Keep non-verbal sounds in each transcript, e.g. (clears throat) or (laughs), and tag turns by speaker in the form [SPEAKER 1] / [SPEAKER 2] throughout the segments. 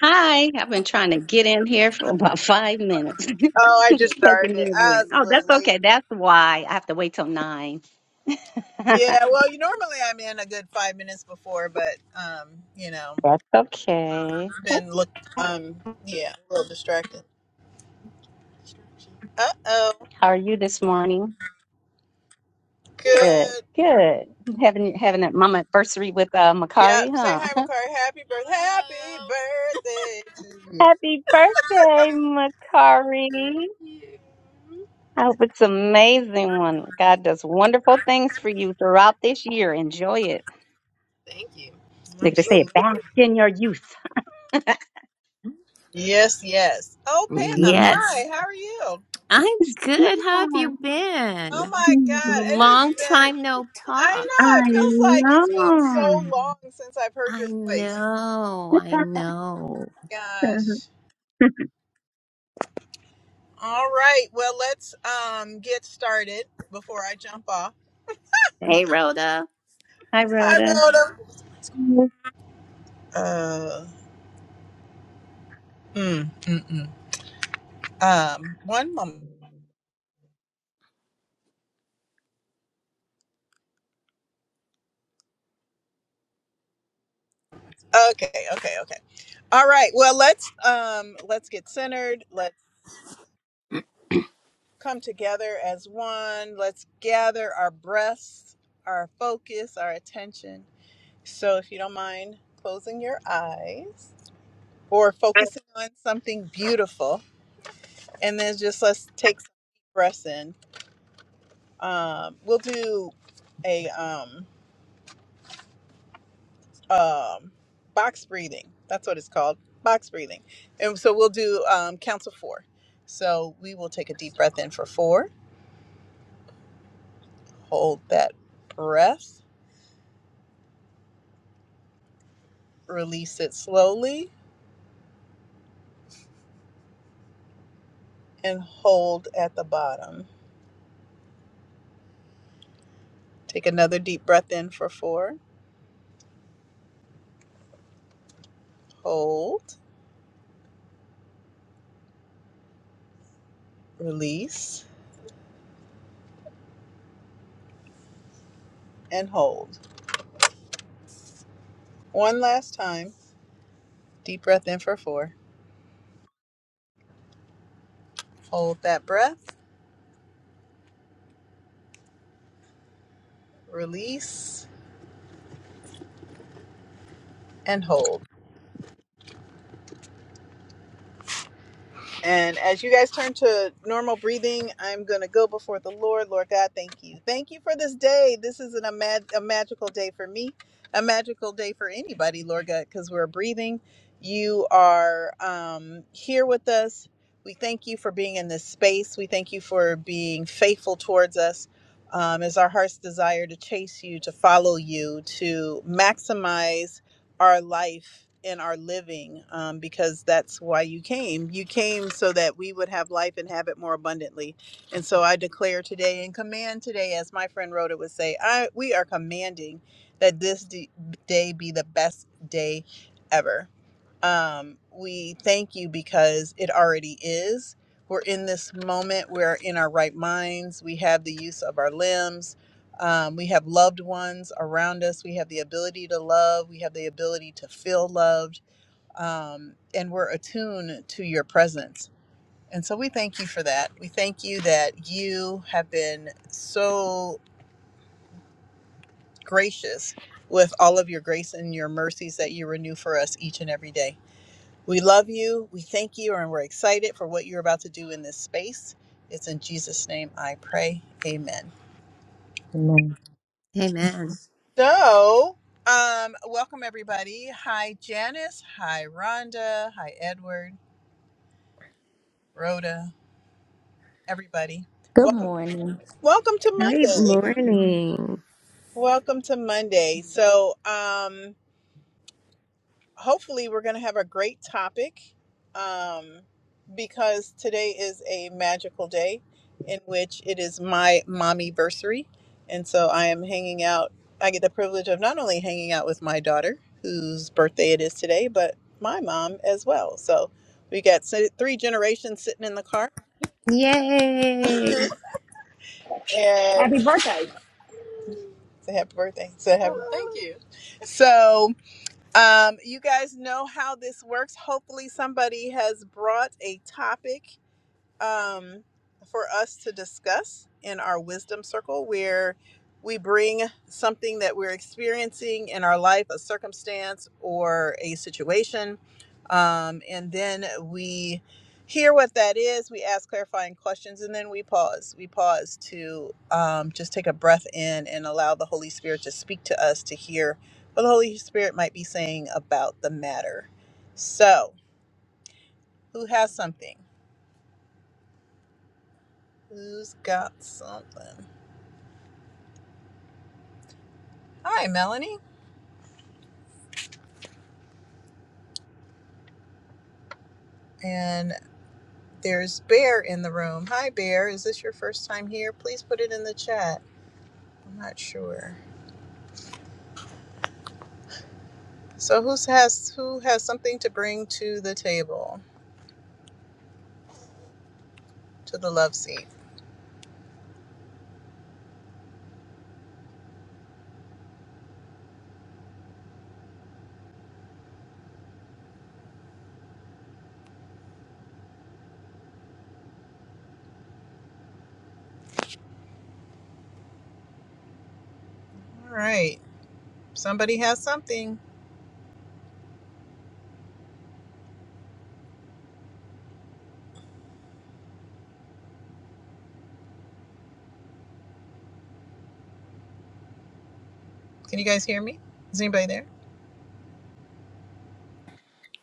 [SPEAKER 1] Hi, I've been trying to get in here for about five minutes. (laughs) it's taking me a minute. Oh, that's okay. That's why I have to wait till nine. (laughs) that's okay. How are you this morning? Good, good. Having having a mama anniversary with uh, Makari, huh? (laughs) Happy birthday, Makari. I hope it's an amazing one. God does wonderful things for you throughout this year. Enjoy it. Like they say, bask in your youth. (laughs) Mhm.
[SPEAKER 2] Yes, I'm good. How have you
[SPEAKER 1] Smile.
[SPEAKER 2] been? Long time no talk.
[SPEAKER 1] I know.
[SPEAKER 2] I know, I
[SPEAKER 1] (laughs)
[SPEAKER 2] know.
[SPEAKER 1] Okay.
[SPEAKER 2] Hey, Rhoda.
[SPEAKER 1] Hi, Rhoda.
[SPEAKER 3] Amen. Amen.
[SPEAKER 2] Hey, man.
[SPEAKER 4] Good morning.
[SPEAKER 2] Great morning. Yay.
[SPEAKER 5] Happy birthday.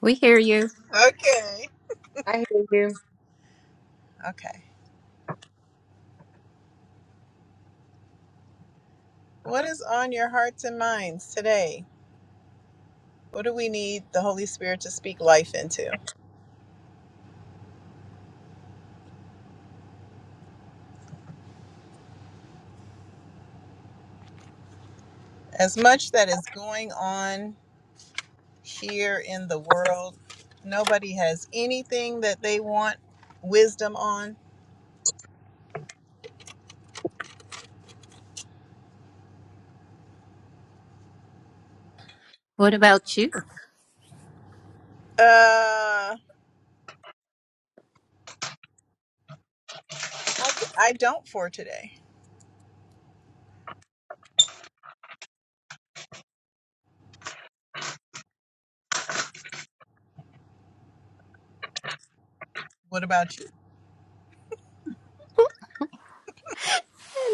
[SPEAKER 2] We hear you.
[SPEAKER 3] I hear you.
[SPEAKER 2] What about you?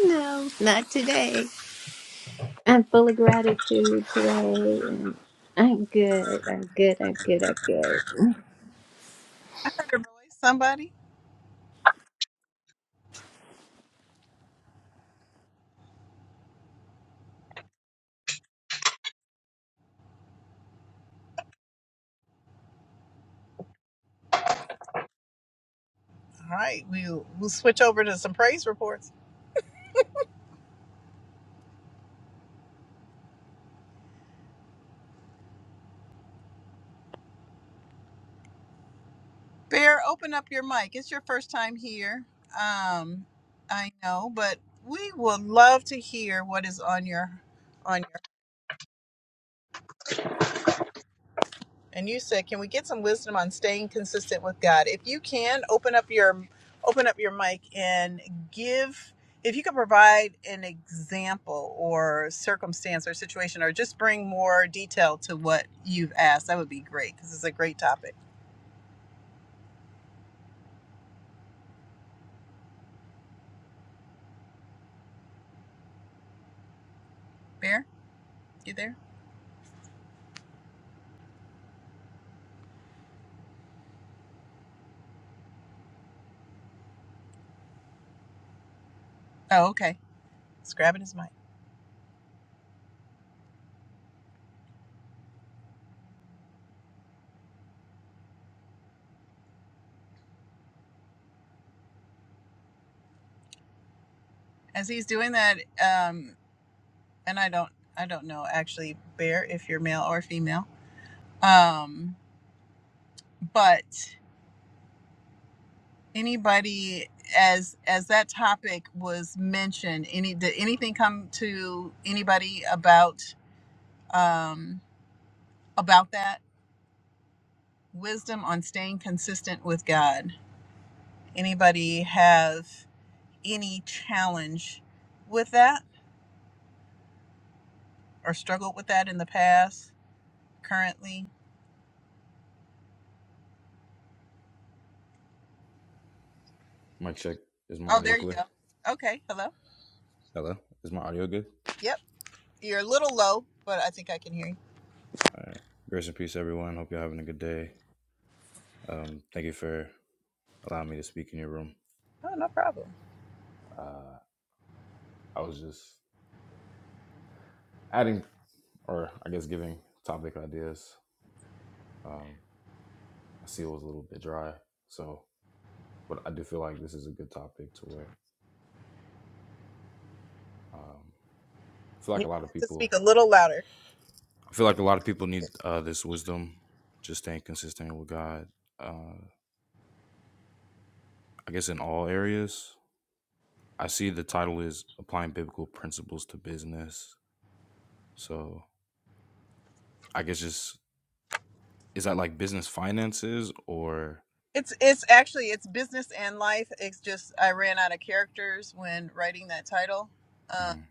[SPEAKER 2] No, not today. I'm full of gratitude today. I'm good. I'm good. I'm good. I'm good.
[SPEAKER 6] Mic check. Is my audio clear? Hello. Is my audio good? All right. Grace and peace, everyone. Hope you're having a good day. Um, thank you for allowing me to speak in your room. Uh, I was just adding, or I guess giving topic ideas. Um, I see it was a little bit dry, so but I do feel like this is a good topic to where um, I feel like a lot of people. I feel like a lot of people need uh, this wisdom, just staying consistent with God. Uh, I guess in all areas, I see the title is applying biblical principles to business. So I guess just is that like business finances or Mhm.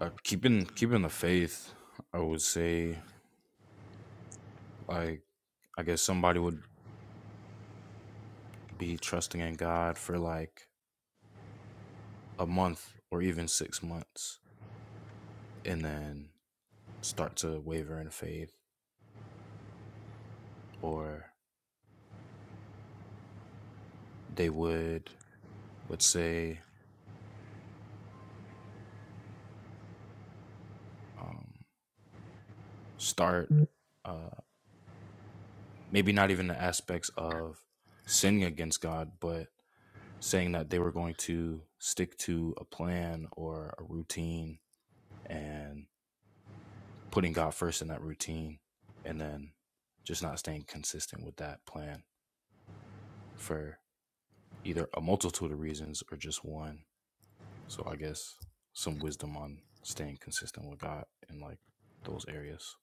[SPEAKER 6] uh, keeping keeping the faith? I would say like I guess somebody would be trusting in God for like a month or even six months, and then start to waver in faith, or they would let's say um, start uh, maybe not even the aspects of sinning against God, but saying that they were going to stick to a plan or a routine and putting God first in that routine and then just not staying consistent with that plan for either a multitude of reasons or just one. So I guess some wisdom on staying consistent with God in like those areas.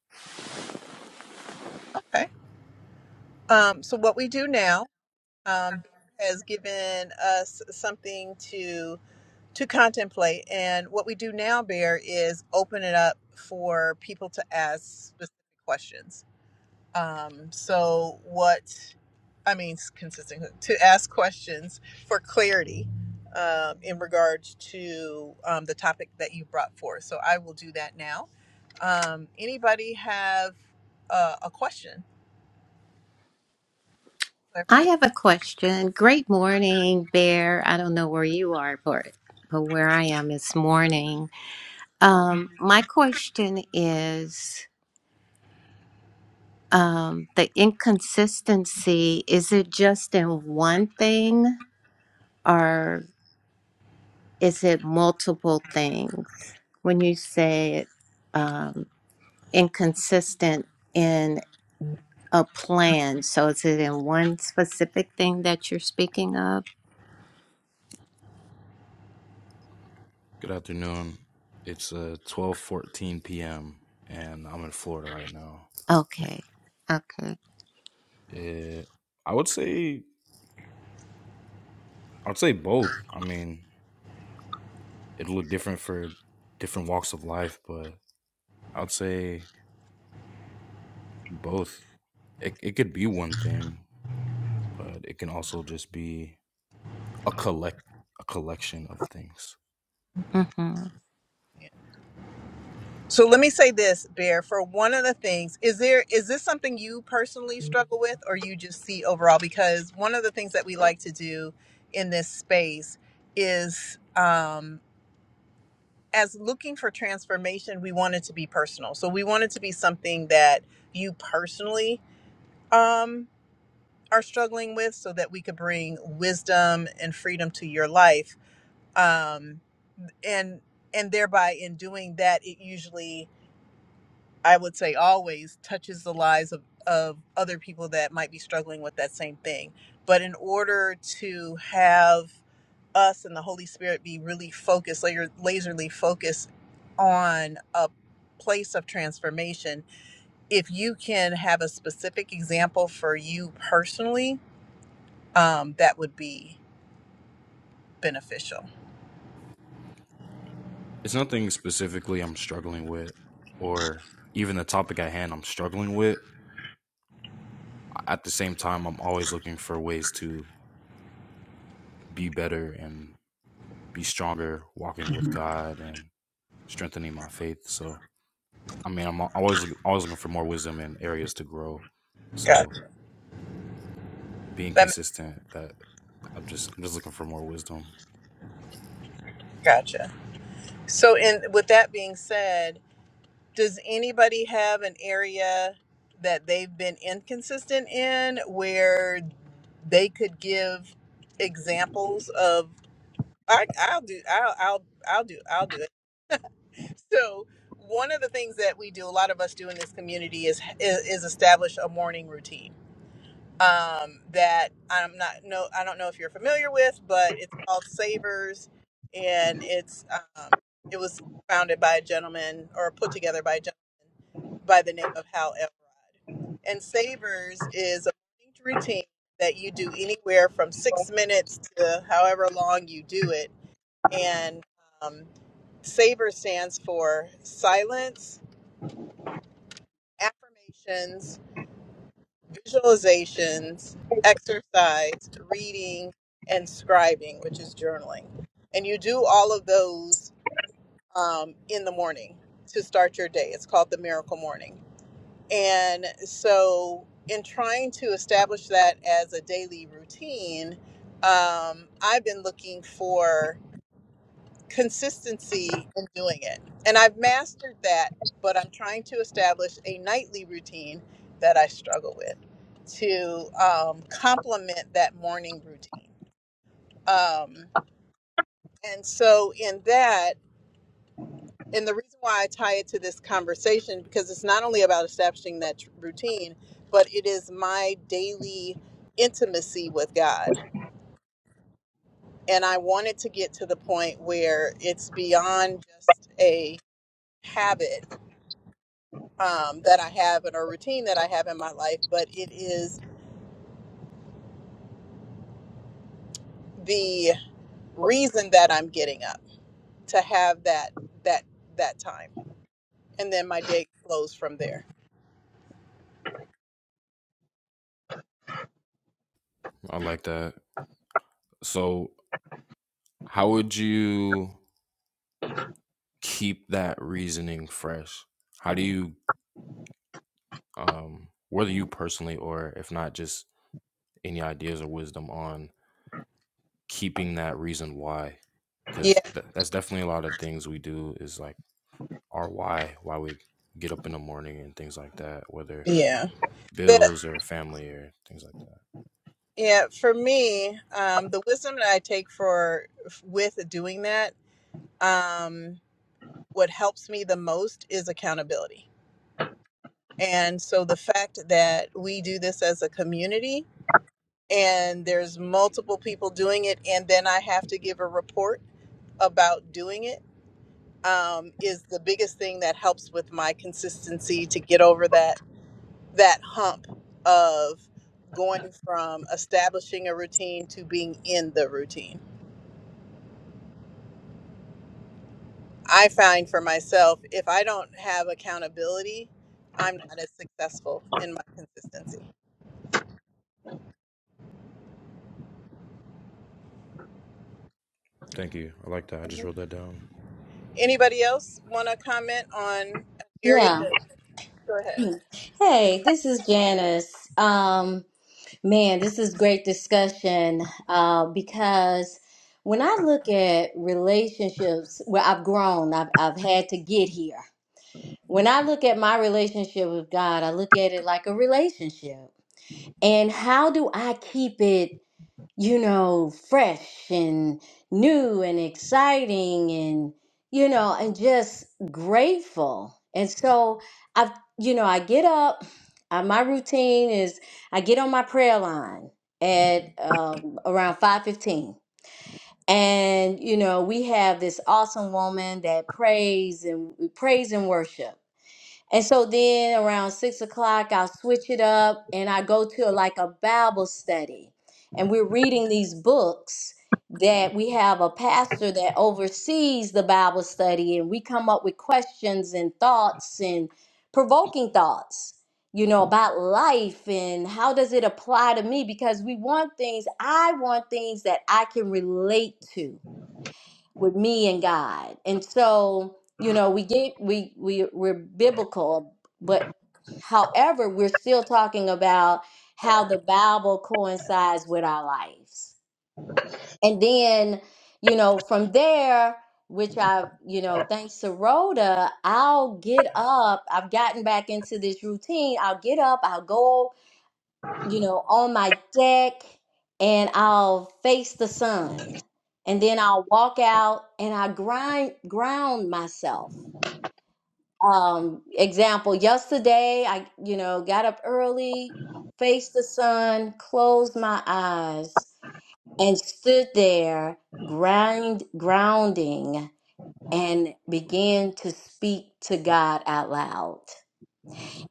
[SPEAKER 2] I have a question. Great morning, Bear. I don't know where you are, but but where I am is morning. Um, my question is um, the inconsistency. Is it just in one thing, or is it multiple things? When you say um, inconsistent in a plan, so is it in one specific thing that you're speaking of?
[SPEAKER 6] Good afternoon. It's uh 12:14 p.m. and I'm in Florida right now.
[SPEAKER 2] Okay. Okay.
[SPEAKER 6] Yeah, I would say I'd say both. I mean, it'll look different for different walks of life, but I'd say both. It it could be one thing, but it can also just be a collect a collection of things.
[SPEAKER 2] Mm-hmm.
[SPEAKER 6] It's nothing specifically I'm struggling with, or even the topic at hand I'm struggling with. At the same time, I'm always looking for ways to be better and be stronger, walking with God and strengthening my faith. So I mean, I'm always always looking for more wisdom and areas to grow. So being consistent, that I'm just I'm just looking for more wisdom. I like that. So how would you keep that reasoning fresh? How do you, um, whether you personally or if not, just any ideas or wisdom on keeping that reason why? Because th- that's definitely a lot of things we do is like our why, why we get up in the morning and things like that. Whether bills or family or things like that. Thank you. I like that. I just wrote that down.
[SPEAKER 4] Yeah. Hmm. Hey, this is Janice. Um, man, this is great discussion uh, because when I look at relationships, where I've grown, I've, I've had to get here. When I look at my relationship with God, I look at it like a relationship. And how do I keep it? you know, fresh and new and exciting and, you know, and just grateful. And so I, you know, I get up, uh, my routine is I get on my prayer line at um, around 515. And, you know, we have this awesome woman that prays and prays and worship. And so then around six o'clock, I'll switch it up and I go to like a Bible study. And we're reading these books that we have a pastor that oversees the Bible study, and we come up with questions and thoughts and provoking thoughts, you know, about life and how does it apply to me? Because we want things, I want things that I can relate to with me and God. And so, you know, we get we we we're biblical, but however, we're still talking about how the Bible coincides with our lives. And then, you know, from there, which I've, you know, thanks to Rhoda, I'll get up. I've gotten back into this routine. I'll get up, I'll go you know, on my deck and I'll face the sun. And then I'll walk out and I grind ground myself. Um, example, yesterday I, you know, got up early, faced the sun, closed my eyes, and stood there grind grounding and began to speak to God out loud.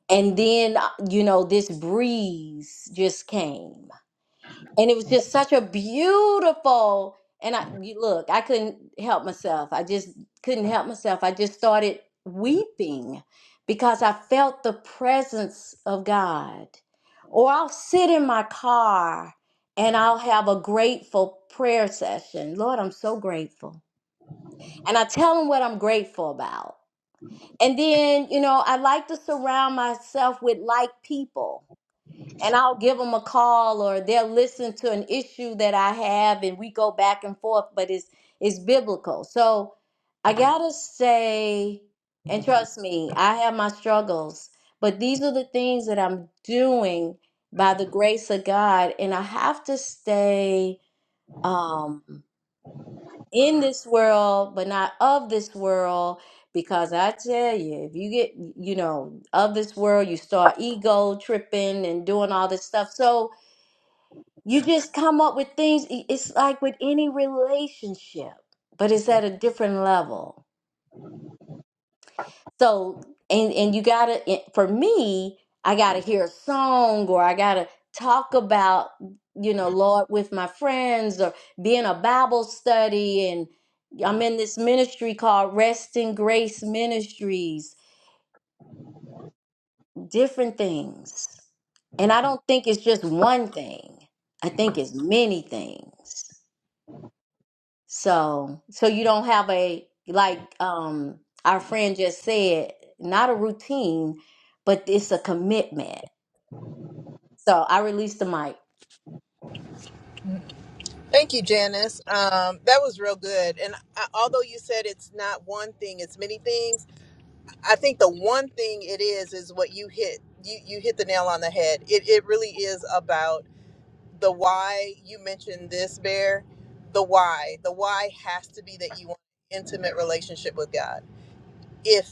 [SPEAKER 4] And then, uh, you know, this breeze just came and it was just such a beautiful and i you- look i couldn't help myself i just couldn't help myself i just started weeping because i felt the presence of god or i'll sit in my car and i'll have a grateful prayer session lord i'm so grateful and i tell him what i'm grateful about and then you know i like to surround myself with like people and I'll give them a call or they'll listen to an issue that I have and we go back and forth, but it's it's biblical. So I gotta say, and trust me, I have my struggles, but these are the things that I'm doing by the grace of God, and I have to stay um in this world, but not of this world. Because I tell you, if you get, you know, of this world, you start ego tripping and doing all this stuff. So, you just come up with things. i- It's like with any relationship, but it's at a different level. So, and and you gotta. i- For me, I gotta hear a song, or I gotta talk about, you know, Lord with my friends, or be in a Bible study, and I'm in this ministry called Rest in Grace Ministries. Different things, and I don't think it's just one thing. I think it's many things. So, so you don't have a like um our friend just said, not a routine, but it's a commitment. So I released the mic.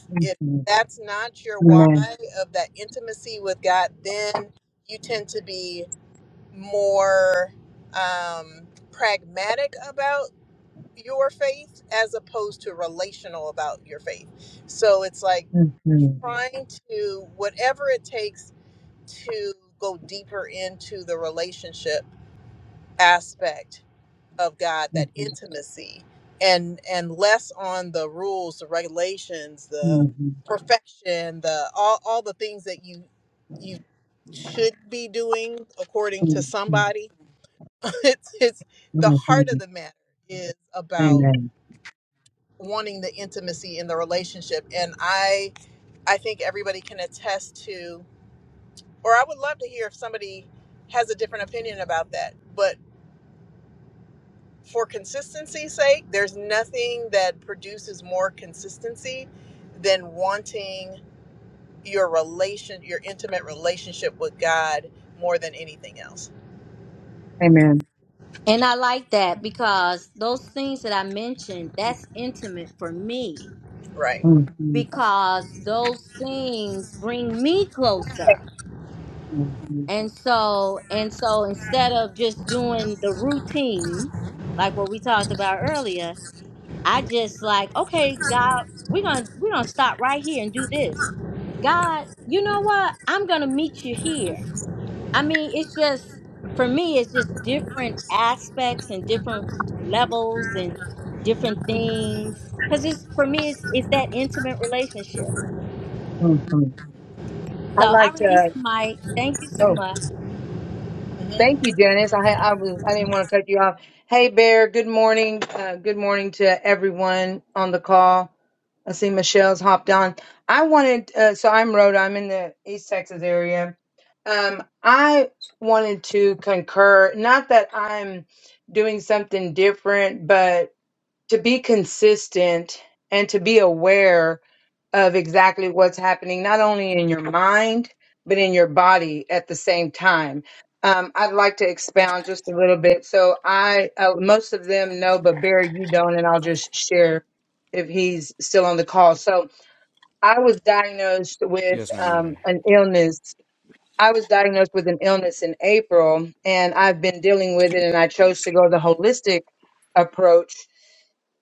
[SPEAKER 3] Mhm. Amen. Mhm. Mhm. Mhm. Mhm. Mhm. Amen. Amen.
[SPEAKER 4] And I like that because those things that I mentioned, that's intimate for me
[SPEAKER 3] Mhm.
[SPEAKER 4] because those things bring me closer.
[SPEAKER 3] Mhm.
[SPEAKER 4] And so, and so instead of just doing the routine, like what we talked about earlier, I just like, okay, God, we're gonna we're gonna stop right here and do this. God, you know what? I'm gonna meet you here. I mean, it's just for me, it's just different aspects and different levels and different things. Cause it's for me, it's it's that intimate relationship.
[SPEAKER 3] Mhm. I
[SPEAKER 4] So I
[SPEAKER 3] like
[SPEAKER 4] release the
[SPEAKER 3] to.
[SPEAKER 4] mic. Thank you so
[SPEAKER 3] Oh.
[SPEAKER 4] much.
[SPEAKER 3] Thank you, Janice. I I was I didn't want to cut you off. Hey, Bear. Good morning. Uh, good morning to everyone on the call. I see Michelle's hopped on. I wanted uh, so I'm Rhoda. I'm in the East Texas area. Um, I wanted to concur. Not that I'm doing something different, but to be consistent and to be aware of exactly what's happening, not only in your mind, but in your body at the same time. Um, I'd like to expound just a little bit. So I, uh, most of them know, but Barry, you don't, and I'll just share if he's still on the call. So I was diagnosed with
[SPEAKER 6] Yes, ma'am. I'm
[SPEAKER 3] um,
[SPEAKER 6] here.
[SPEAKER 3] an illness. I was diagnosed with an illness in April, and I've been dealing with it, and I chose to go the holistic approach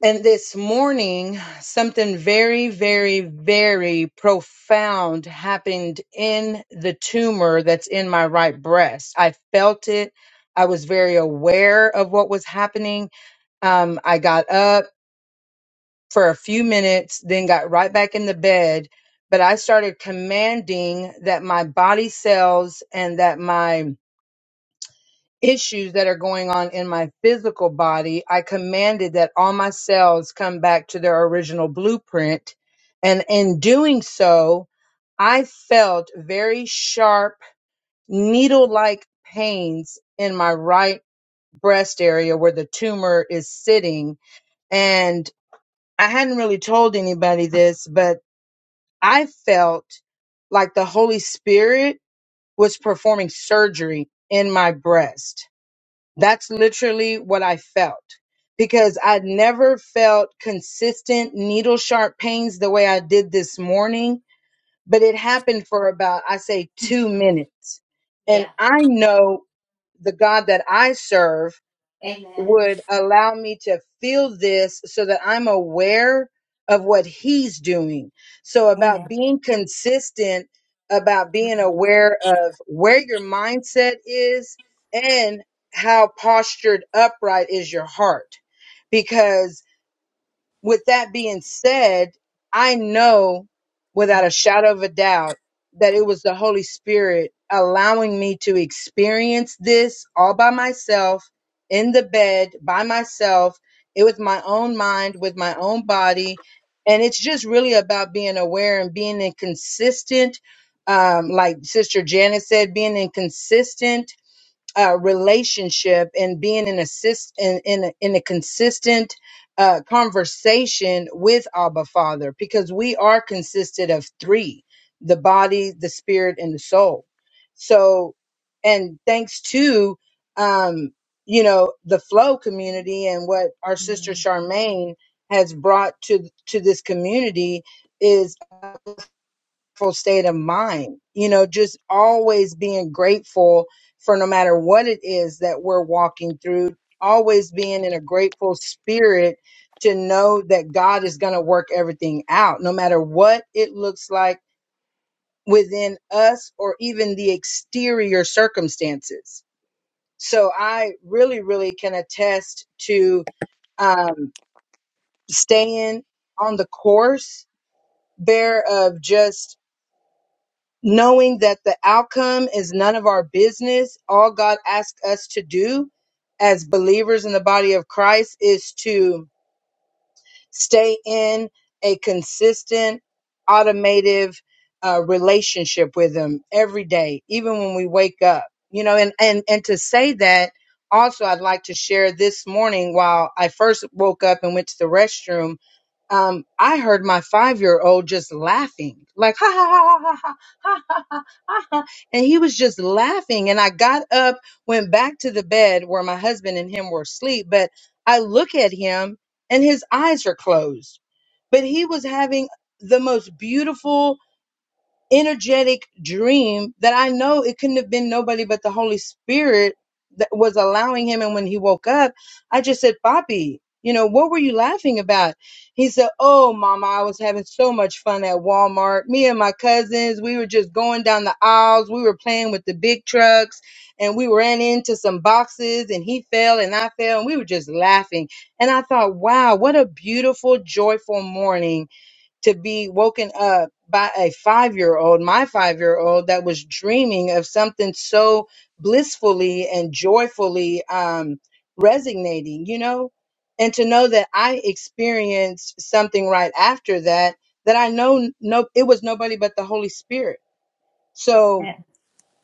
[SPEAKER 3] and this morning, something very, very, very profound happened in the tumor that's in my right breast. I felt it. I was very aware of what was happening. Um, I got up for a few minutes, then got right back in the bed. But I started commanding that my body cells and that my issues that are going on in my physical body, I commanded that all my cells come back to their original blueprint. And in doing so, I felt very sharp, needle like pains in my right breast area where the tumor is sitting. And I hadn't really told anybody this, but I felt like the Holy Spirit was performing surgery in my breast that's literally what I felt because I never felt consistent needle sharp pains the way I did this morning, but it happened for about, I say, two minutes. And I know the God that I serve
[SPEAKER 2] Amen.
[SPEAKER 3] would allow me to feel this so that I'm aware of what he's doing. So about
[SPEAKER 2] Amen.
[SPEAKER 3] being consistent, about being aware of where your mindset is and how postured upright is your heart. Because with that being said, I know without a shadow of a doubt that it was the Holy Spirit allowing me to experience this all by myself in the bed by myself. It was my own mind with my own body. And it's just really about being aware and being inconsistent. Um, like Sister Janice said, being inconsistent uh, relationship and being in a in in a, in a consistent uh, conversation with Abba Father, because we are consisted of three: the body, the spirit, and the soul. So, and thanks to um, you know the flow community and what our sister
[SPEAKER 5] Yeah.
[SPEAKER 3] Charmaine has brought to to this community is grateful state of mind. You know, just always being grateful for no matter what it is that we're walking through, always being in a grateful spirit to know that God is going to work everything out, no matter what it looks like within us or even the exterior circumstances. So I really, really can attest to um, staying on the course there of just knowing that the outcome is none of our business. All God asks us to do as believers in the body of Christ is to Stay in a consistent, automative uh, relationship with Him every day, even when we wake up. You know, and and and to say that also, I'd like to share this morning while I first woke up and went to the restroom um, I heard my five year old just laughing, like ha ha ha ha ha ha ha ha, ha," and he was just laughing. And I got up, went back to the bed where my husband and him were asleep, but I look at him and his eyes are closed. But he was having the most beautiful, energetic dream that I know it couldn't have been nobody but the Holy Spirit that was allowing him. And when he woke up, I just said, "Papi, you know, what were you laughing about? He said, Oh, mama, I was having so much fun at Walmart. Me and my cousins, we were just going down the aisles. We were playing with the big trucks and we ran into some boxes and he fell and I fell and we were just laughing. And I thought, wow, what a beautiful, joyful morning to be woken up by a five year old, my five year old, that was dreaming of something so blissfully and joyfully um, resonating, you know? And to know that I experienced something right after that, that I know no, it was nobody but the Holy Spirit. So
[SPEAKER 2] Yeah,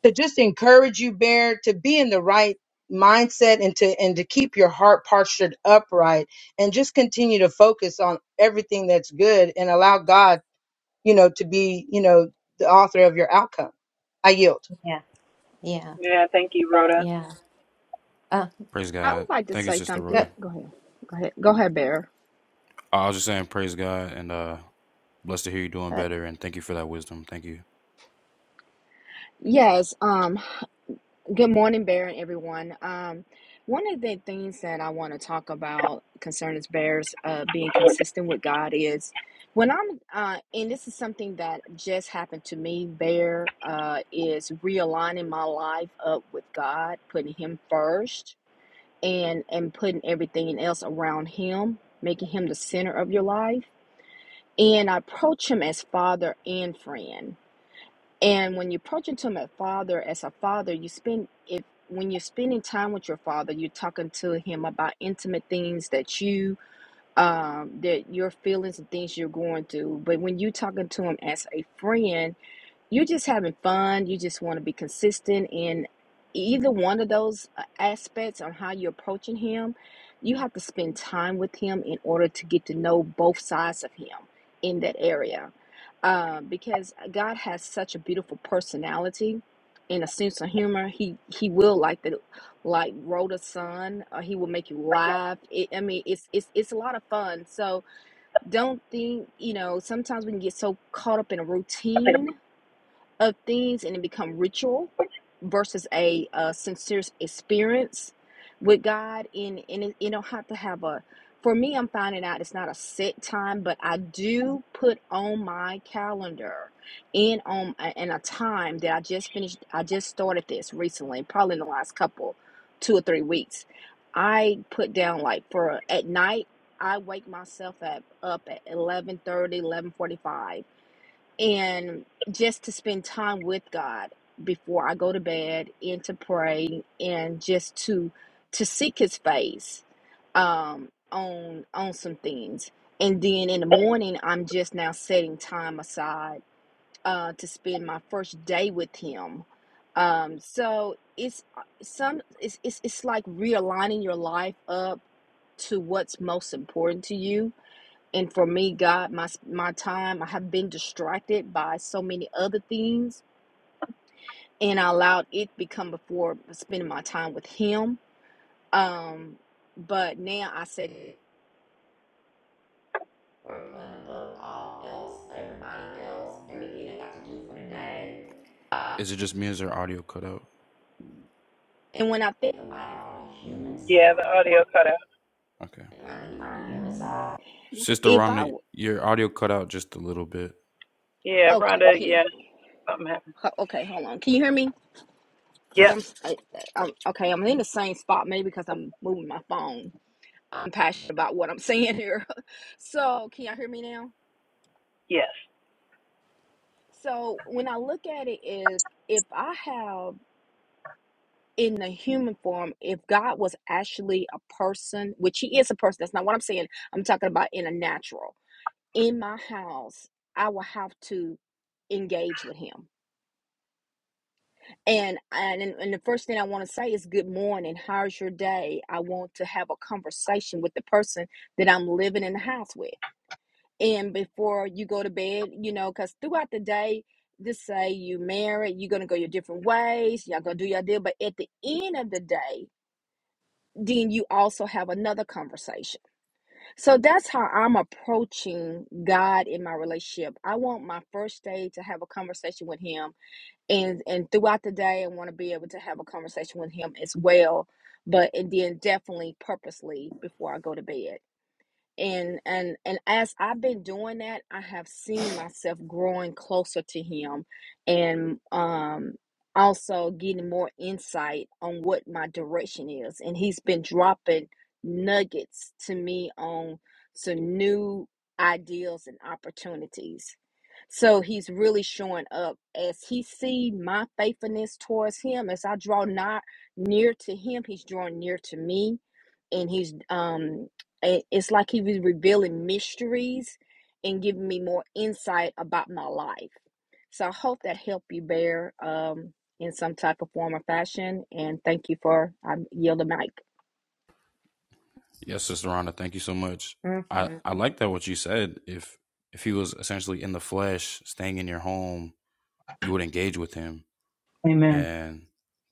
[SPEAKER 3] to just encourage you, Bear, to be in the right mindset and to and to keep your heart postured upright and just continue to focus on everything that's good and allow God you know, to be, you know, the author of your outcome. I yield.
[SPEAKER 2] yeah, yeah,
[SPEAKER 7] Yeah, thank you, Rhoda.
[SPEAKER 2] yeah. Uh,
[SPEAKER 6] Praise
[SPEAKER 5] I
[SPEAKER 6] God.
[SPEAKER 5] would like to
[SPEAKER 6] Thank you,
[SPEAKER 5] say
[SPEAKER 6] Sister
[SPEAKER 2] uh,
[SPEAKER 5] something.
[SPEAKER 6] Rhoda.
[SPEAKER 5] Go ahead. Go ahead. Go ahead, Bear.
[SPEAKER 6] I was just saying, praise God, and uh, blessed to hear you doing
[SPEAKER 2] uh,
[SPEAKER 6] better, and thank you for that wisdom. Thank you.
[SPEAKER 5] Yes. Um. Good morning, Bear, and everyone. Um. One of the things that I want to talk about concerning Bears uh, being consistent with God is when I'm uh, and this is something that just happened to me. Bear uh, is realigning my life up with God, putting Him first, and and putting everything else around Him, making Him the center of your life and I approach him as father and friend. And when you approach him to him as father, as a father, you spend if when you're spending time with your father, you're talking to him about intimate things that you um that your feelings and things you're going through. But when you're talking to him as a friend, you're just having fun you just want to be consistent in either one of those uh, aspects on how you're approaching him you have to spend time with him in order to get to know both sides of him in that area uh, because uh, god has such a beautiful personality and a sense of humor he he will like the like roll the sun or he will make you laugh it, i mean it's it's it's a lot of fun so don't think you know sometimes we can get so caught up in a routine of things and it become ritual versus a, uh sincere experience with God. And, and it, you don't have to have a, for me, I'm finding out it's not a set time, but I do put on my calendar and on and a time that I just finished. I just started this recently, probably in the last couple, two or three weeks. I put down like for at night. I wake myself at, up at eleven thirty eleven forty five and just to spend time with God before I go to bed and to pray and just to to seek his face um on on some things and then in the morning I'm just now setting time aside uh to spend my first day with him um so it's uh, some it's it's, it's like realigning your life up to what's most important to you and for me god my my time i have been distracted by so many other things and i allowed it to become before spending my time with him um but now i said
[SPEAKER 6] Is it just me? Is your audio cut out?
[SPEAKER 5] and when i think
[SPEAKER 7] Yeah, the audio cut out.
[SPEAKER 6] Okay, Sister
[SPEAKER 5] if I
[SPEAKER 6] Rhonda, your audio cut out just a little bit.
[SPEAKER 7] Yeah,
[SPEAKER 5] okay
[SPEAKER 7] Rhoda,
[SPEAKER 5] can you,
[SPEAKER 7] Yeah, something happened.
[SPEAKER 5] okay hold on can you hear me because
[SPEAKER 7] Yep,
[SPEAKER 5] I'm, s- I, am i am okay i'm in the same spot maybe because i'm moving my phone i'm passionate about what i'm saying here (laughs) so can y'all hear me now
[SPEAKER 7] yes.
[SPEAKER 5] so when i look at it if if i have in the human form, if God was actually a person, which he is a person, that's not what I'm saying. I'm talking about in a natural. In my house, I will have to engage with him. And and, and the first thing I want to say is good morning. How's your day? I want to have a conversation with the person that I'm living in the house with. And before you go to bed, you know, because throughout the day, just say you married, you're gonna go your different ways, y'all gonna do your deal. But at the end of the day, then you also have another conversation. So that's how I'm approaching God in my relationship. I want my first day to have a conversation with him and and throughout the day I want to be able to have a conversation with him as well, but and then definitely purposely before I go to bed and and and as I've been doing that, I have seen myself growing closer to him and um also getting more insight on what my direction is. And he's been dropping nuggets to me on some new ideas and opportunities. So he's really showing up as he see my faithfulness towards him. As I draw not near to him, he's drawing near to me, and he's um, it- it's like he was revealing mysteries and giving me more insight about my life. So I hope that helped you bear um in some type of form or fashion. And thank you for I yield the mic.
[SPEAKER 6] Yes, Sister Rhonda, thank you so much. I
[SPEAKER 2] mm-hmm,
[SPEAKER 6] I like that what you said. If if he was essentially in the flesh, staying in your home, you would engage with him. and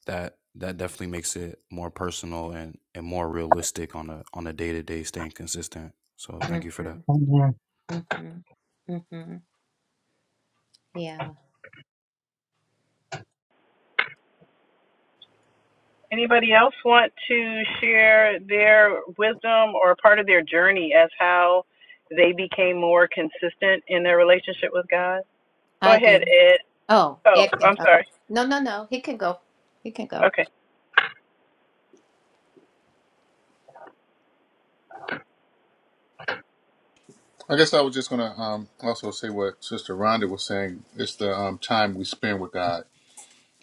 [SPEAKER 6] that that definitely makes it more personal and and more realistic on a on a day to day staying consistent. So thank you for
[SPEAKER 2] mm-hmm,
[SPEAKER 6] that.
[SPEAKER 2] mm-hmm, mm-hmm. Yeah,
[SPEAKER 7] Anybody else want to share their wisdom or part of their journey as how they became more consistent in their relationship with God? Go
[SPEAKER 2] I
[SPEAKER 7] ahead,
[SPEAKER 2] do.
[SPEAKER 7] Ed.
[SPEAKER 2] Oh,
[SPEAKER 7] Oh,
[SPEAKER 2] Ed can
[SPEAKER 7] I'm
[SPEAKER 2] go.
[SPEAKER 7] sorry.
[SPEAKER 2] No, no, no. He can go. He can go.
[SPEAKER 7] Okay.
[SPEAKER 8] I guess I was just gonna um, also say what Sister Rhonda was saying. It's the um, time we spend with God,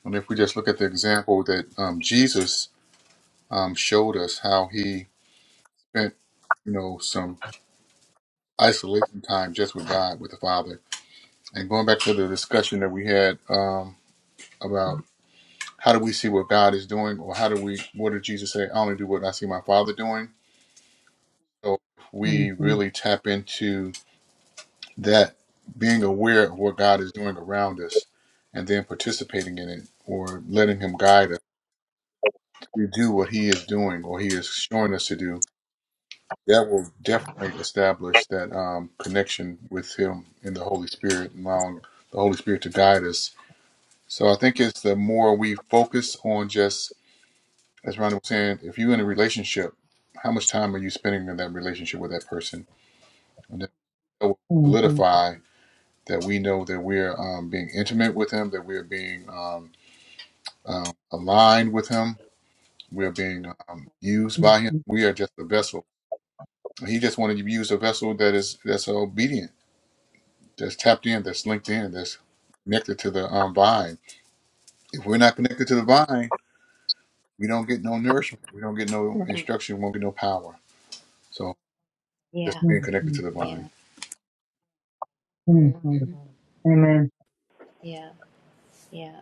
[SPEAKER 8] and if we just look at the example that um, Jesus um, showed us, how he spent, you know, some isolation time just with God, with the Father, and going back to the discussion that we had um, about how do we see what God is doing, or how do we, what did Jesus say? I only do what I see my Father doing. So if
[SPEAKER 3] Mhm,
[SPEAKER 8] we really tap into. that being aware of what God is doing around us and then participating in it or letting Him guide us to do what He is doing or He is showing us to do, that will definitely establish that um, connection with Him in the Holy Spirit, and allowing the Holy Spirit to guide us. So I think it's the more we focus on just, as Ronnie was saying, if you're in a relationship, how much time are you spending in that relationship with that person? And that will
[SPEAKER 3] mhm,
[SPEAKER 8] solidify that we know that we're um, being intimate with him, that we're being um, um, aligned with him, we're being um, used
[SPEAKER 3] mhm,
[SPEAKER 8] by him. We are just a vessel. He just wanted to use a vessel that is that's obedient, that's tapped in, that's linked in, that's connected to the um, vine. If we're not connected to the vine, we don't get no nourishment. We don't get no
[SPEAKER 2] hmm
[SPEAKER 8] instruction. We won't get no power. So just
[SPEAKER 2] Yeah,
[SPEAKER 8] being
[SPEAKER 3] mhm,
[SPEAKER 8] connected to the vine.
[SPEAKER 2] yeah,
[SPEAKER 3] mhm, mhm.
[SPEAKER 2] mm-hmm.
[SPEAKER 3] Amen.
[SPEAKER 2] yeah, yeah,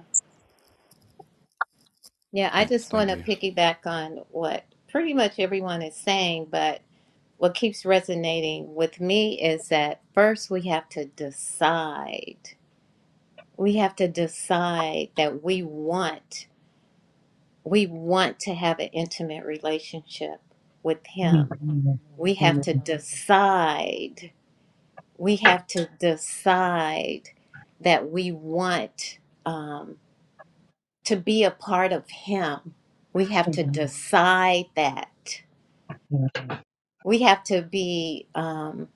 [SPEAKER 2] yeah. I
[SPEAKER 6] Thank
[SPEAKER 2] just want
[SPEAKER 6] thank
[SPEAKER 2] to
[SPEAKER 6] you.
[SPEAKER 2] piggyback on what pretty much everyone is saying, but what keeps resonating with me is that first we have to decide we have to decide that we want we want to have an intimate relationship with
[SPEAKER 3] Mhm,
[SPEAKER 2] him we have to
[SPEAKER 3] Amen.
[SPEAKER 2] decide we have to decide that we want um, to be a part of him we
[SPEAKER 3] Amen.
[SPEAKER 2] have to
[SPEAKER 3] amen,
[SPEAKER 2] decide that
[SPEAKER 3] yes,
[SPEAKER 2] we have to be um,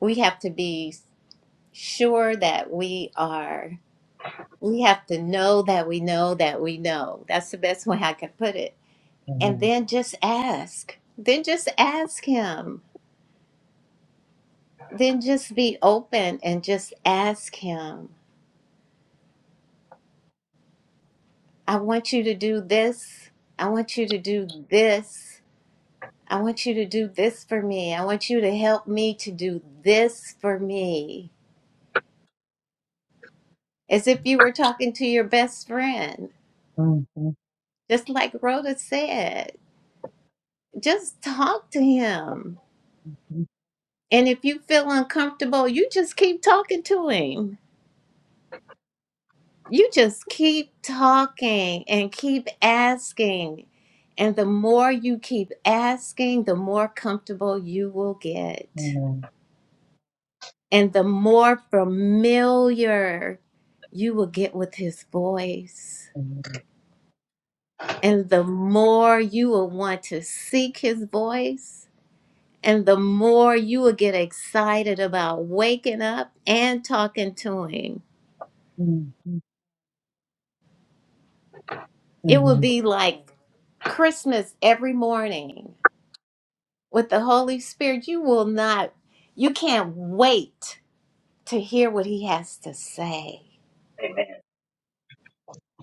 [SPEAKER 2] we have to be sure that we are we have to know that we know that we know that's the best way i can put it and
[SPEAKER 3] amen.
[SPEAKER 2] then just ask. Then just ask Him. Then just be open and just ask Him. I want you to do this. I want you to do this. I want you to do this for me. I want you to help me to do this for me. As if you were talking to your best friend.
[SPEAKER 3] Mhm, mhm,
[SPEAKER 2] Just like Rhoda said, just talk to him. And if you feel uncomfortable, you just keep talking to him You just keep talking and keep asking. And the more you keep asking, the more comfortable you will get.
[SPEAKER 3] amen,
[SPEAKER 2] And the more familiar you will get with his voice.
[SPEAKER 3] amen,
[SPEAKER 2] And the more you will want to seek his voice. And the more you will get excited about waking up and talking to him.
[SPEAKER 3] mhm,
[SPEAKER 2] It will
[SPEAKER 3] amen,
[SPEAKER 2] be like Christmas every morning with the Holy Spirit, you will not, you can't wait to hear what He has to say.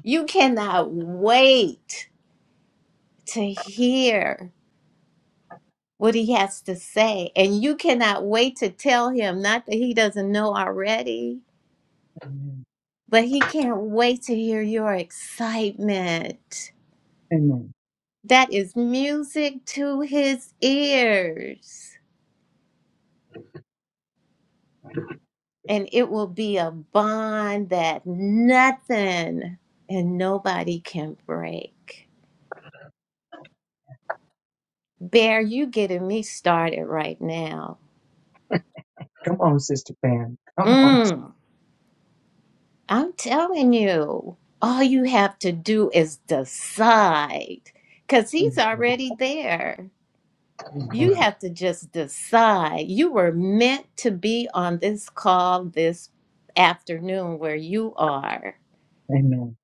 [SPEAKER 2] You cannot wait to hear what He has to say. And you cannot wait to tell Him, not that He doesn't know already,
[SPEAKER 3] amen,
[SPEAKER 2] but He can't wait to hear your excitement.
[SPEAKER 3] amen.
[SPEAKER 2] That is music to His ears. And it will be a bond that nothing and nobody can break. Bear, you getting me started right now.
[SPEAKER 3] Come on, Sister Pam. Come on. Sister
[SPEAKER 2] Mm, I'm telling you, all you have to do is decide because he's
[SPEAKER 3] Pam.
[SPEAKER 2] already there. You have to just decide. You were meant to be on this call this afternoon where you are.
[SPEAKER 3] Amen.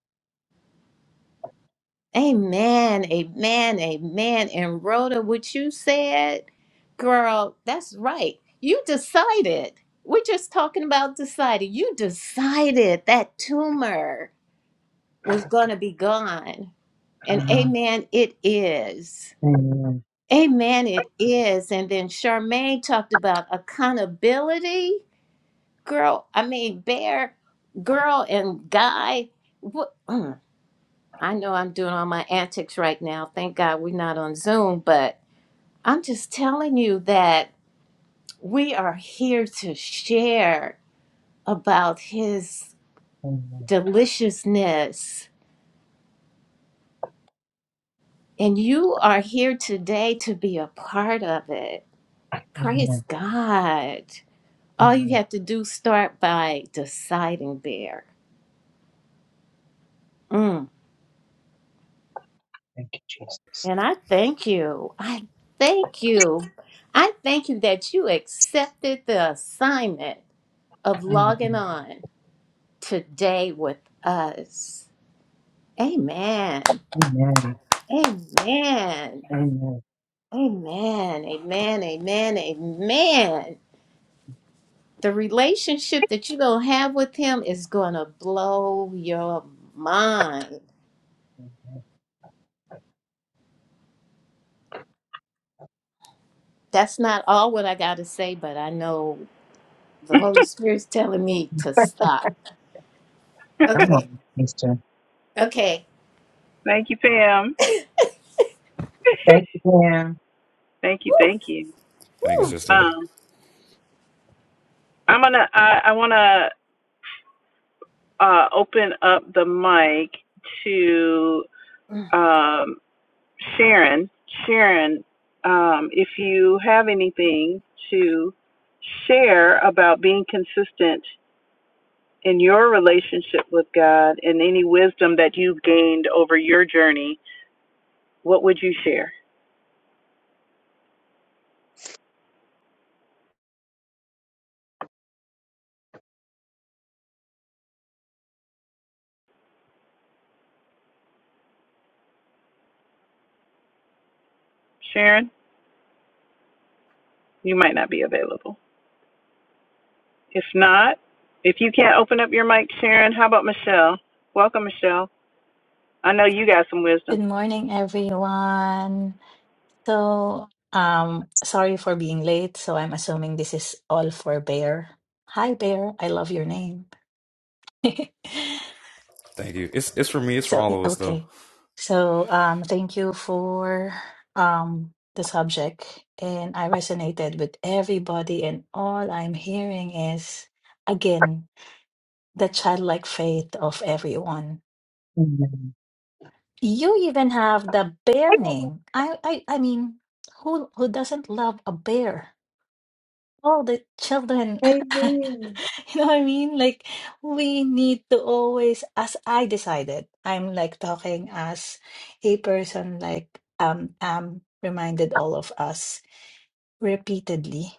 [SPEAKER 2] Amen, amen, amen. And Rhoda, what you said, girl, that's right. You decided. We're just talking about deciding. You decided that tumor was going to be gone.
[SPEAKER 3] Amen.
[SPEAKER 2] And
[SPEAKER 3] Amen.
[SPEAKER 2] amen, it is.
[SPEAKER 3] Amen.
[SPEAKER 2] Amen, it is. And then Charmaine talked about accountability. Girl, I mean, Bear, girl, and guy. What? mm. I know I'm doing all my antics right now. Thank God we're not on Zoom, but I'm just telling you that we are here to share about His
[SPEAKER 3] Amen.
[SPEAKER 2] deliciousness. And you are here today to be a part of it. Praise
[SPEAKER 3] Amen.
[SPEAKER 2] God. All you
[SPEAKER 3] Amen.
[SPEAKER 2] have to do is start by deciding there. Mm.
[SPEAKER 3] Thank you, Jesus.
[SPEAKER 2] And I thank you. I thank you. I thank you that you accepted the assignment of logging
[SPEAKER 3] Amen.
[SPEAKER 2] on today with us. Amen.
[SPEAKER 3] Amen.
[SPEAKER 2] Amen. Amen.
[SPEAKER 3] Amen.
[SPEAKER 2] Amen. Amen. Amen. The relationship that you're going to have with him is going to blow your mind. That's not all what I got to say, but I know the Holy Spirit's telling me to stop.
[SPEAKER 7] (laughs)
[SPEAKER 3] Come
[SPEAKER 2] Okay.
[SPEAKER 3] on, Mister.
[SPEAKER 2] Okay.
[SPEAKER 7] thank you, Pam. (laughs)
[SPEAKER 3] Thank you, Pam.
[SPEAKER 7] thank you,
[SPEAKER 2] Woo,
[SPEAKER 7] thank you.
[SPEAKER 6] Thank you,
[SPEAKER 2] woo.
[SPEAKER 6] sister.
[SPEAKER 7] Um, I'm gonna. I, I wanna uh, open up the mic to.
[SPEAKER 2] Mm,
[SPEAKER 7] um, Sharon, Sharon, um, if you have anything to share about being consistent in your relationship with God and any wisdom that you've gained over your journey, what would you share? Sharon, you might not be available. If not, if you can't open up your mic, Sharon, how about Michelle? Welcome, Michelle. I know you got some wisdom.
[SPEAKER 9] Good morning, everyone. So, um, sorry for being late. So, I'm assuming this is all for Bear. Hi, Bear. I love your name. (laughs)
[SPEAKER 6] Thank you. It's it's for me, it's for
[SPEAKER 9] so,
[SPEAKER 6] all
[SPEAKER 9] i-
[SPEAKER 6] of us though.
[SPEAKER 9] okay. So, um, thank you for um the subject, and I resonated with everybody. And all I'm hearing is again the childlike faith of everyone.
[SPEAKER 3] Amen.
[SPEAKER 9] You even have the bear name. I, I, I mean, who who doesn't love a bear? All the children, (laughs) you know what I mean? Like we need to always, as I decided, I'm like talking as a person, like um, um, reminded all of us repeatedly.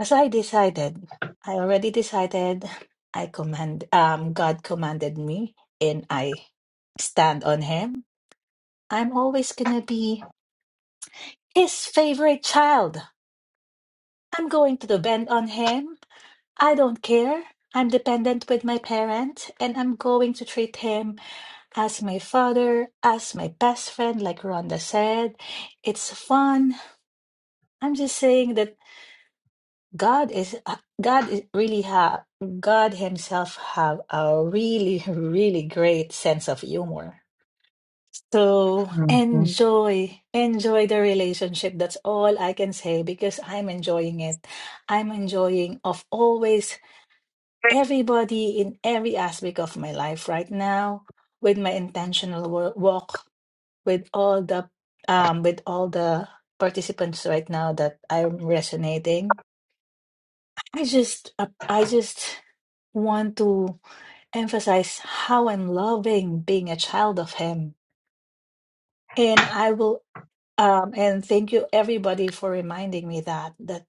[SPEAKER 9] As I decided, I already decided. I command, um, God commanded me, and I stand on Him. I'm always gonna be. His favorite child. I'm going to depend on him. I don't care. I'm dependent with my parent, and I'm going to treat him as my father, as my best friend, like Rhonda said. It's fun. I'm just saying that God is God is really have God Himself have a really really great sense of humor. So enjoy, enjoy the relationship. That's all I can say because I'm enjoying it. I'm enjoying of always everybody in every aspect of my life right now with my intentional wo- walk with all the um with all the participants right now that I'm resonating. I just uh, I just want to emphasize how I'm loving being a child of him. And I will Um, and thank you everybody for reminding me that that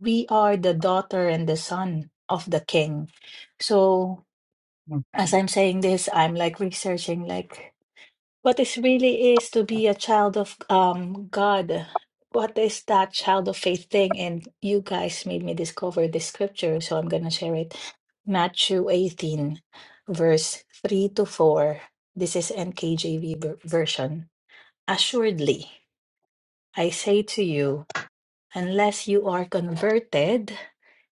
[SPEAKER 9] we are the daughter and the son of the king. So as I'm saying this, I'm like researching like what is really is to be a child of um God. What is that child of faith thing? And you guys made me discover this scripture, so I'm gonna share it. Matthew 18, verse 3 to 4. This is NKJV ver- version. Assuredly, I say to you unless you are converted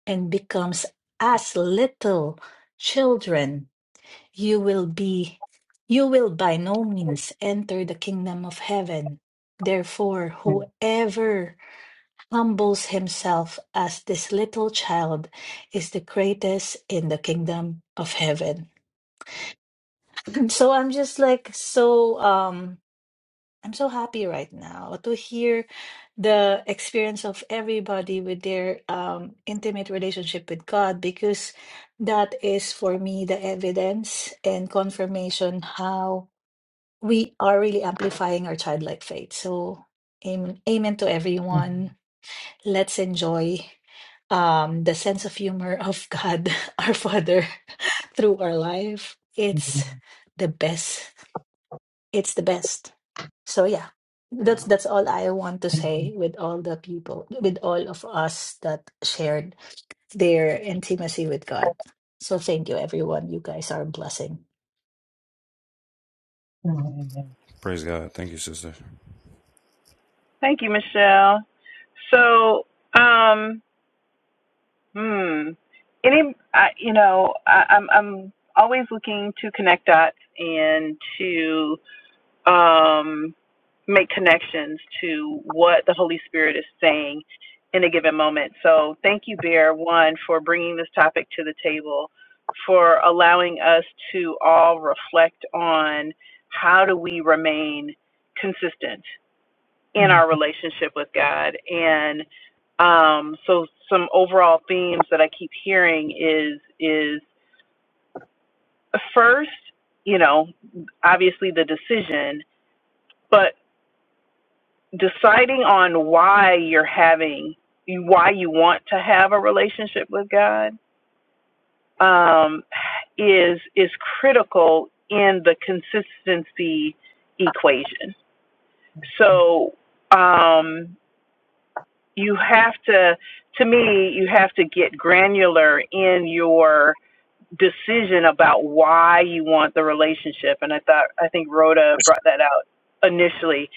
[SPEAKER 9] and becomes as little children you will be you will by no means enter the kingdom of heaven therefore whoever humbles himself as this little child is the greatest in the kingdom of heaven (clears throat) so i'm just like so um I'm so happy right now to hear the experience of everybody with their um, intimate relationship with God because that is for me the evidence and confirmation how we are really amplifying our childlike faith. So, amen, amen to everyone. Let's enjoy um, the sense of humor of God, (laughs) our Father, (laughs) through our life. It's the best. It's the best. So yeah, that's that's all I want to say with all the people, with all of us that shared their intimacy with God. So thank you, everyone. You guys are a blessing.
[SPEAKER 6] Praise God. Thank you, sister.
[SPEAKER 7] Thank you, Michelle. So, um, Hmm. Any, I, you know, I, I'm I'm always looking to connect dots and to um, make connections to what the Holy Spirit is saying in a given moment. So thank you, Bear, one for bringing this topic to the table, for allowing us to all reflect on how do we remain consistent in
[SPEAKER 3] Amen.
[SPEAKER 7] our relationship with God. And um, so some overall themes that I keep hearing is is first, you know, obviously the decision, but deciding on why you're having why you want to have a relationship with God um, is is critical in the consistency equation. So um, you have to to me you have to get granular in your decision about why you want the relationship and i thought i think rhoda brought that out initially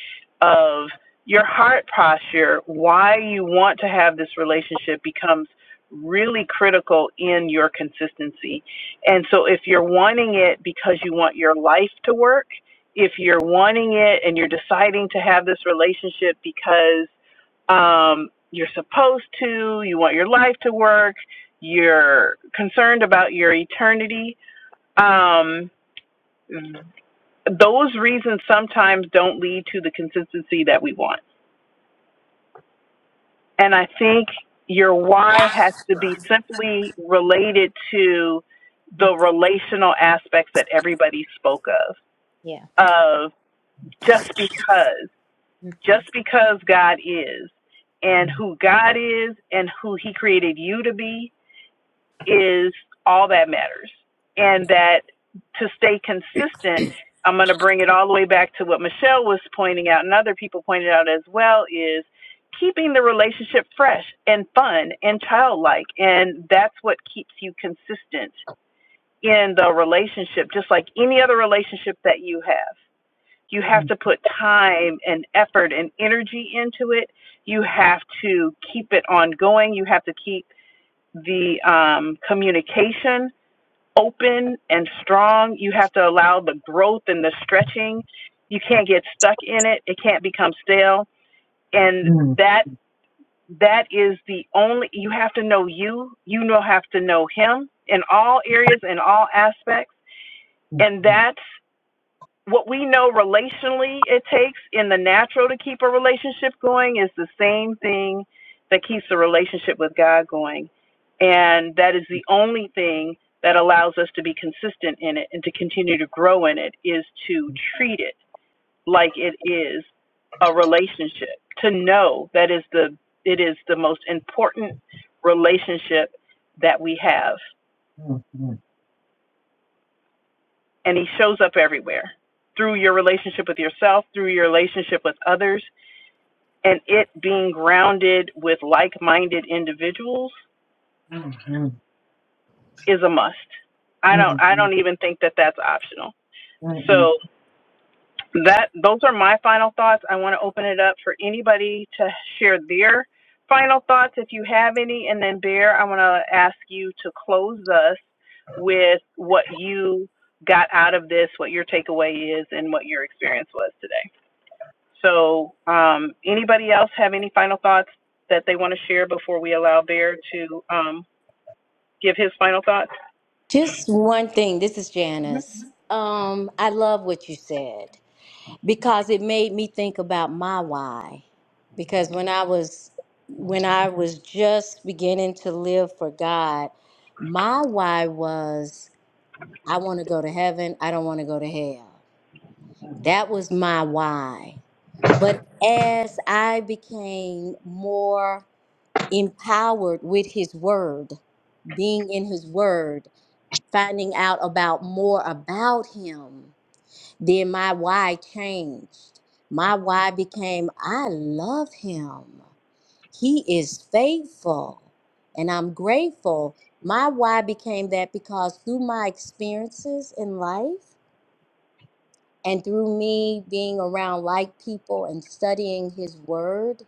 [SPEAKER 7] of your heart posture why you want to have this relationship becomes really critical in your consistency and so if you're wanting it because you want your life to work if you're wanting it and you're deciding to have this relationship because um, you're supposed to, you want your life to work, you're concerned about your eternity. Um, those reasons sometimes don't lead to the consistency that we want. And I think your why has to be simply related to the relational aspects that everybody spoke of,
[SPEAKER 2] Yeah.
[SPEAKER 7] of just because, just
[SPEAKER 2] Mhm.
[SPEAKER 7] because God is and who God is and who He created you to be is all that matters. And that to stay consistent, I'm going to bring it all the way back to what Michelle was pointing out and other people pointed out as well is keeping the relationship fresh and fun and childlike. And that's what keeps you consistent in the relationship, just like any other relationship that you have. You have to put time and effort and energy into it. You have to keep it ongoing. You have to keep the um, communication open and strong. You have to allow the growth and the stretching. You can't get stuck in it. It can't become stale. And that that is the only you have to know you. You know have to know him in all areas in all aspects. And that what we know relationally it takes in the natural to keep a relationship going is the same thing that keeps the relationship with God going. And that is the only thing that allows us to be consistent in it and to continue to grow in it is to treat it like it is a relationship. To know that is the it is the most important relationship that we have. And he shows up everywhere through your relationship with yourself, through your relationship with others, and it being grounded with like-minded individuals is a must. I don't I don't even think that that's optional. So that those are my final thoughts. I want to open it up for anybody to share their final thoughts if you have any and then Bear, I want to ask you to close us with what you got out of this, what your takeaway is and what your experience was today. So, um, anybody else have any final thoughts that they want to share before we allow Bear to um, give his final thoughts?
[SPEAKER 4] Just one thing. This is
[SPEAKER 7] Mhm.
[SPEAKER 4] Janice. Um, I love what you said. because it made me think about my why because when i was when i was just beginning to live for god my why was i want to go to heaven i don't want to go to hell that was my why but as i became more empowered with his word being in his word finding out about more about him then my why changed. My why became I love him. He is faithful and I'm grateful. My why became that because through my experiences in life and through me being around like people and studying his word,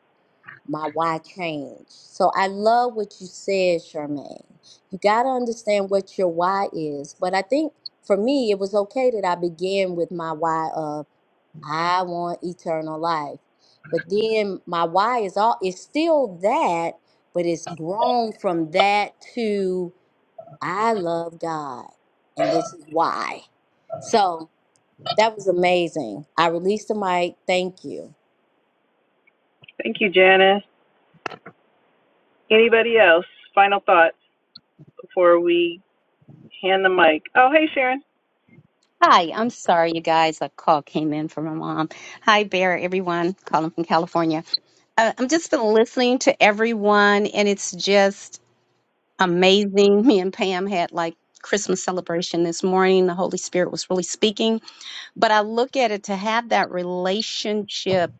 [SPEAKER 4] my why changed. So I love what you said, Charmaine. You got to understand what your why is. But I think for me, it was okay that I began with my why of I want eternal life. But then my why is all it's still that, but it's grown from that to I love God. And this is why. So that was amazing. I released the mic. Thank you.
[SPEAKER 7] Thank you, Janice. Anybody else? Final thoughts before we hand the mic. Oh, hey, Sharon.
[SPEAKER 1] Hi, I'm sorry, you guys. A call came in from my mom. Hi, Bear, everyone, calling from California. Uh, I'm just been listening to everyone, and it's just amazing. (laughs) Me and Pam had like Christmas celebration this morning. The Holy Spirit was really speaking, but I look at it to have that relationship.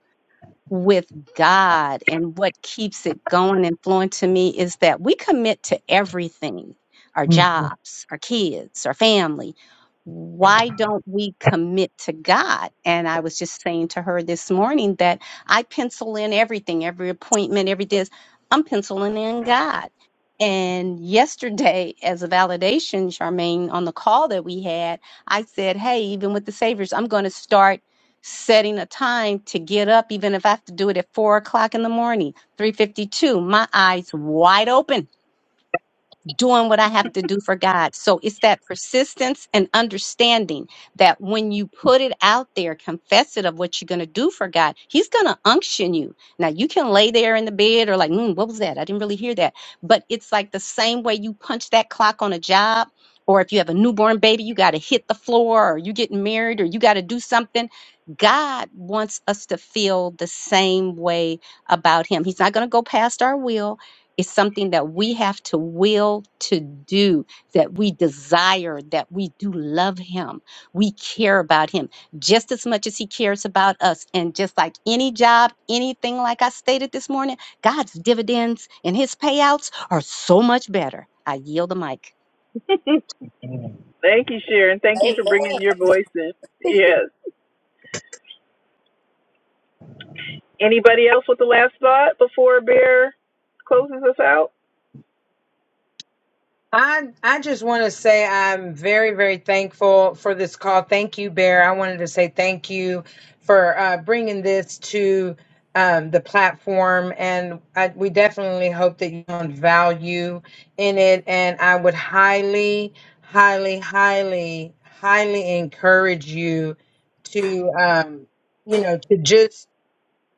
[SPEAKER 1] with God and what keeps it going and flowing to me is that we commit to everything our jobs, our kids, our family. Why don't we commit to God? And I was just saying to her this morning that I pencil in everything, every appointment, every this, I'm penciling in God. And yesterday, as a validation, Charmaine, on the call that we had, I said, Hey, even with the Saviors, I'm going to start setting a time to get up, even if I have to do it at four o'clock in the morning, 352, my eyes wide open doing what I have to do for God. So it's that persistence and understanding that when you put it out there, confess it of what you're going to do for God, He's going to unction you. Now, you can lay there in the bed or like, mm, what was that? I didn't really hear that. But it's like the same way you punch that clock on a job. Or if you have a newborn baby, you got to hit the floor, or you're getting married, or you got to do something. God wants us to feel the same way about Him. He's not going to go past our will. It's something that we have to will to do, that we desire, that we do love Him. We care about Him just as much as He cares about us. And just like any job, anything like I stated this morning, God's dividends and His payouts are so much better. I yield the mic.
[SPEAKER 7] (laughs) Thank you, Sharon. Thank you for bringing
[SPEAKER 4] Amen.
[SPEAKER 7] your voice in.
[SPEAKER 4] (laughs)
[SPEAKER 7] Yes. Anybody else with the last thought before Bear closes us out?
[SPEAKER 3] I I just want to say I'm very very thankful for this call. Thank you, Bear. I wanted to say thank you for uh, bringing this to um, the platform, and I, we definitely hope that you found value in it. And I would highly, highly, highly, highly encourage you to um, you know to just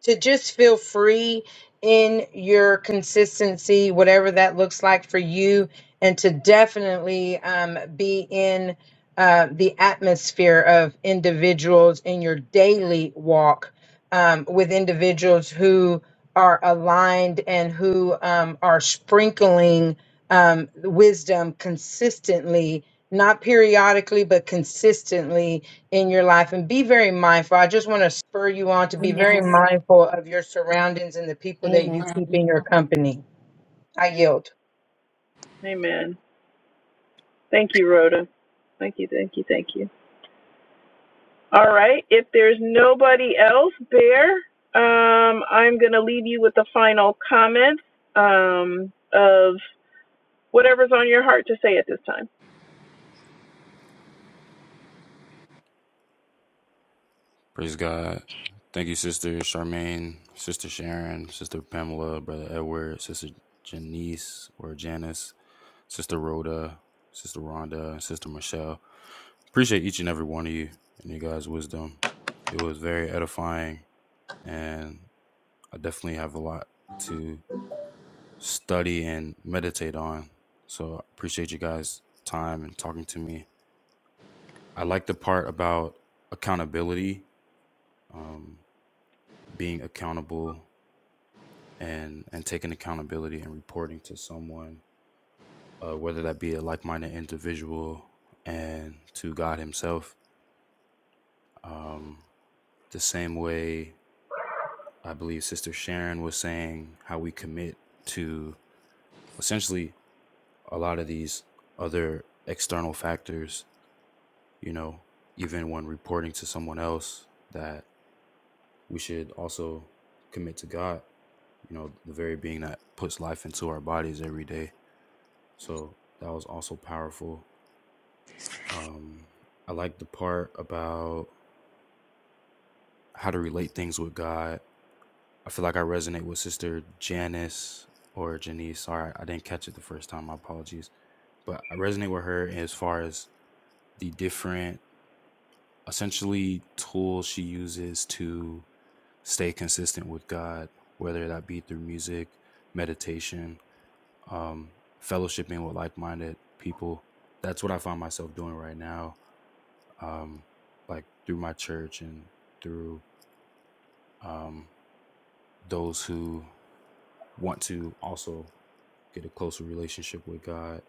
[SPEAKER 3] to just feel free in your consistency, whatever that looks like for you, and to definitely um, be in uh, the atmosphere of individuals in your daily walk um, with individuals who are aligned and who um, are sprinkling um, wisdom consistently, not periodically, but consistently in your life and be very mindful. I just want to spur you on to be very
[SPEAKER 2] Amen.
[SPEAKER 3] mindful of your surroundings and the people that you
[SPEAKER 2] Amen.
[SPEAKER 3] keep in your company. I yield.
[SPEAKER 7] Amen. Thank you, Rhoda. Thank you, thank you, thank you. All right. If there's nobody else, Bear, um, I'm going to leave you with the final comments um, of whatever's on your heart to say at this time.
[SPEAKER 6] Praise God. Thank you, sister Charmaine, sister Sharon, sister Pamela, brother Edward, sister Janice or Janice, Sister Rhoda, Sister Rhonda, and Sister Michelle. Appreciate each and every one of you and your guys' wisdom. It was very edifying, and I definitely have a lot to study and meditate on. So I appreciate you guys' time and talking to me. I like the part about accountability, um, being accountable, and and taking accountability and reporting to someone, uh, whether that be a like-minded individual and to God Himself Um, the same way I believe Sister Sharon was saying how we commit to essentially a lot of these other external factors, you know, even when reporting to someone else, that we should also commit to God, you know, the very being that puts life into our bodies every day. So that was also powerful. Um, I like the part about how to relate things with God I feel like I resonate with Sister Janice or Janice. Sorry, I didn't catch it the first time. My apologies. But I resonate with her as far as the different, essentially, tools she uses to stay consistent with God, whether that be through music, meditation, um, fellowshipping with like minded people. That's what I find myself doing right now, um, like through my church and through um, those who want to also get a closer relationship with God,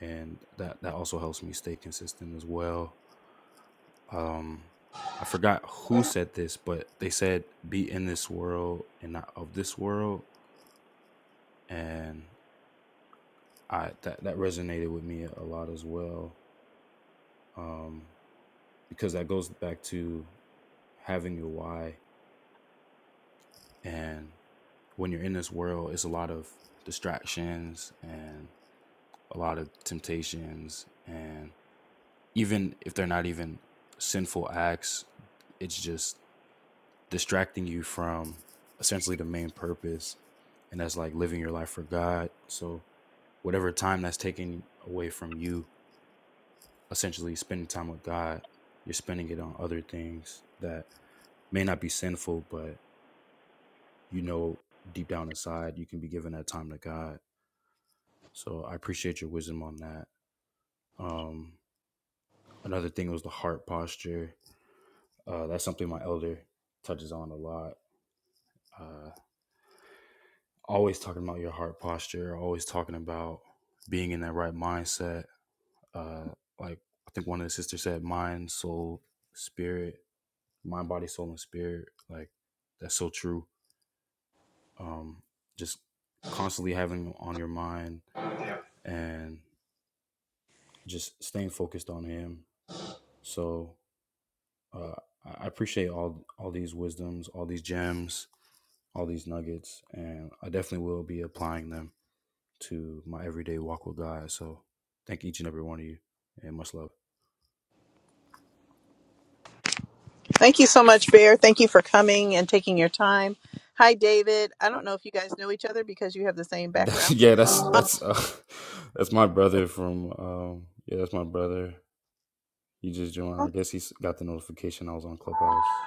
[SPEAKER 6] and that that also helps me stay consistent as well. Um, I forgot who said this, but they said be in this world and not of this world, and I that that resonated with me a lot as well, um, because that goes back to having your why, and when you're in this world, it's a lot of distractions and a lot of temptations and even if they're not even sinful acts, it's just distracting you from essentially the main purpose, and that's like living your life for God. So whatever time that's taken away from you, essentially spending time with God, you're spending it on other things that may not be sinful, but you know deep down inside you can be giving that time to God. So I appreciate your wisdom on that. Um, another thing was the heart posture. Uh, that's something my elder touches on a lot uh, always talking about your heart posture, always talking about being in that right mindset. Uh, like I think one of the sisters said, mind, soul, spirit, mind, body, soul, and spirit. Like that's so true. Um, just constantly having on your mind and just staying focused on Him. So uh, I I appreciate all all these wisdoms, all these gems, all these nuggets, and I definitely will be applying them. to my everyday walk with God. So thank each and every one of you and much love. (laughs) yeah, that's that's uh, (laughs) that's my brother from um yeah, that's my brother. He just joined. I guess he got the notification I was on Clubhouse.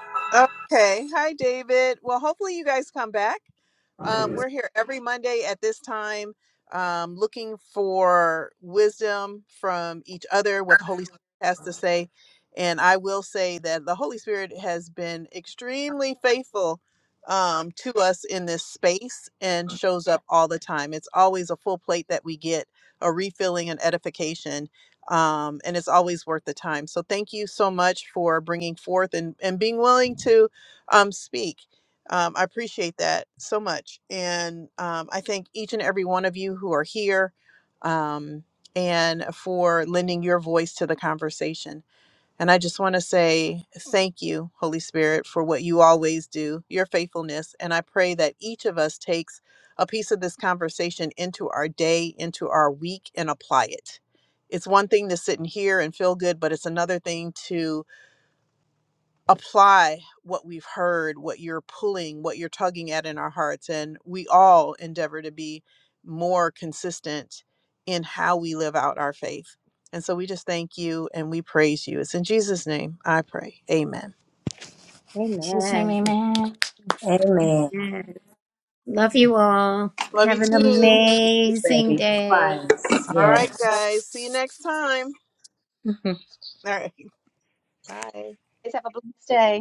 [SPEAKER 9] In Jesus' name,
[SPEAKER 2] Amen.
[SPEAKER 9] amen.
[SPEAKER 4] Amen.
[SPEAKER 2] Amen. Love you all. Have an amazing
[SPEAKER 4] Baby
[SPEAKER 2] day.
[SPEAKER 4] twice. Christ.
[SPEAKER 1] Guys, Have a blessed day.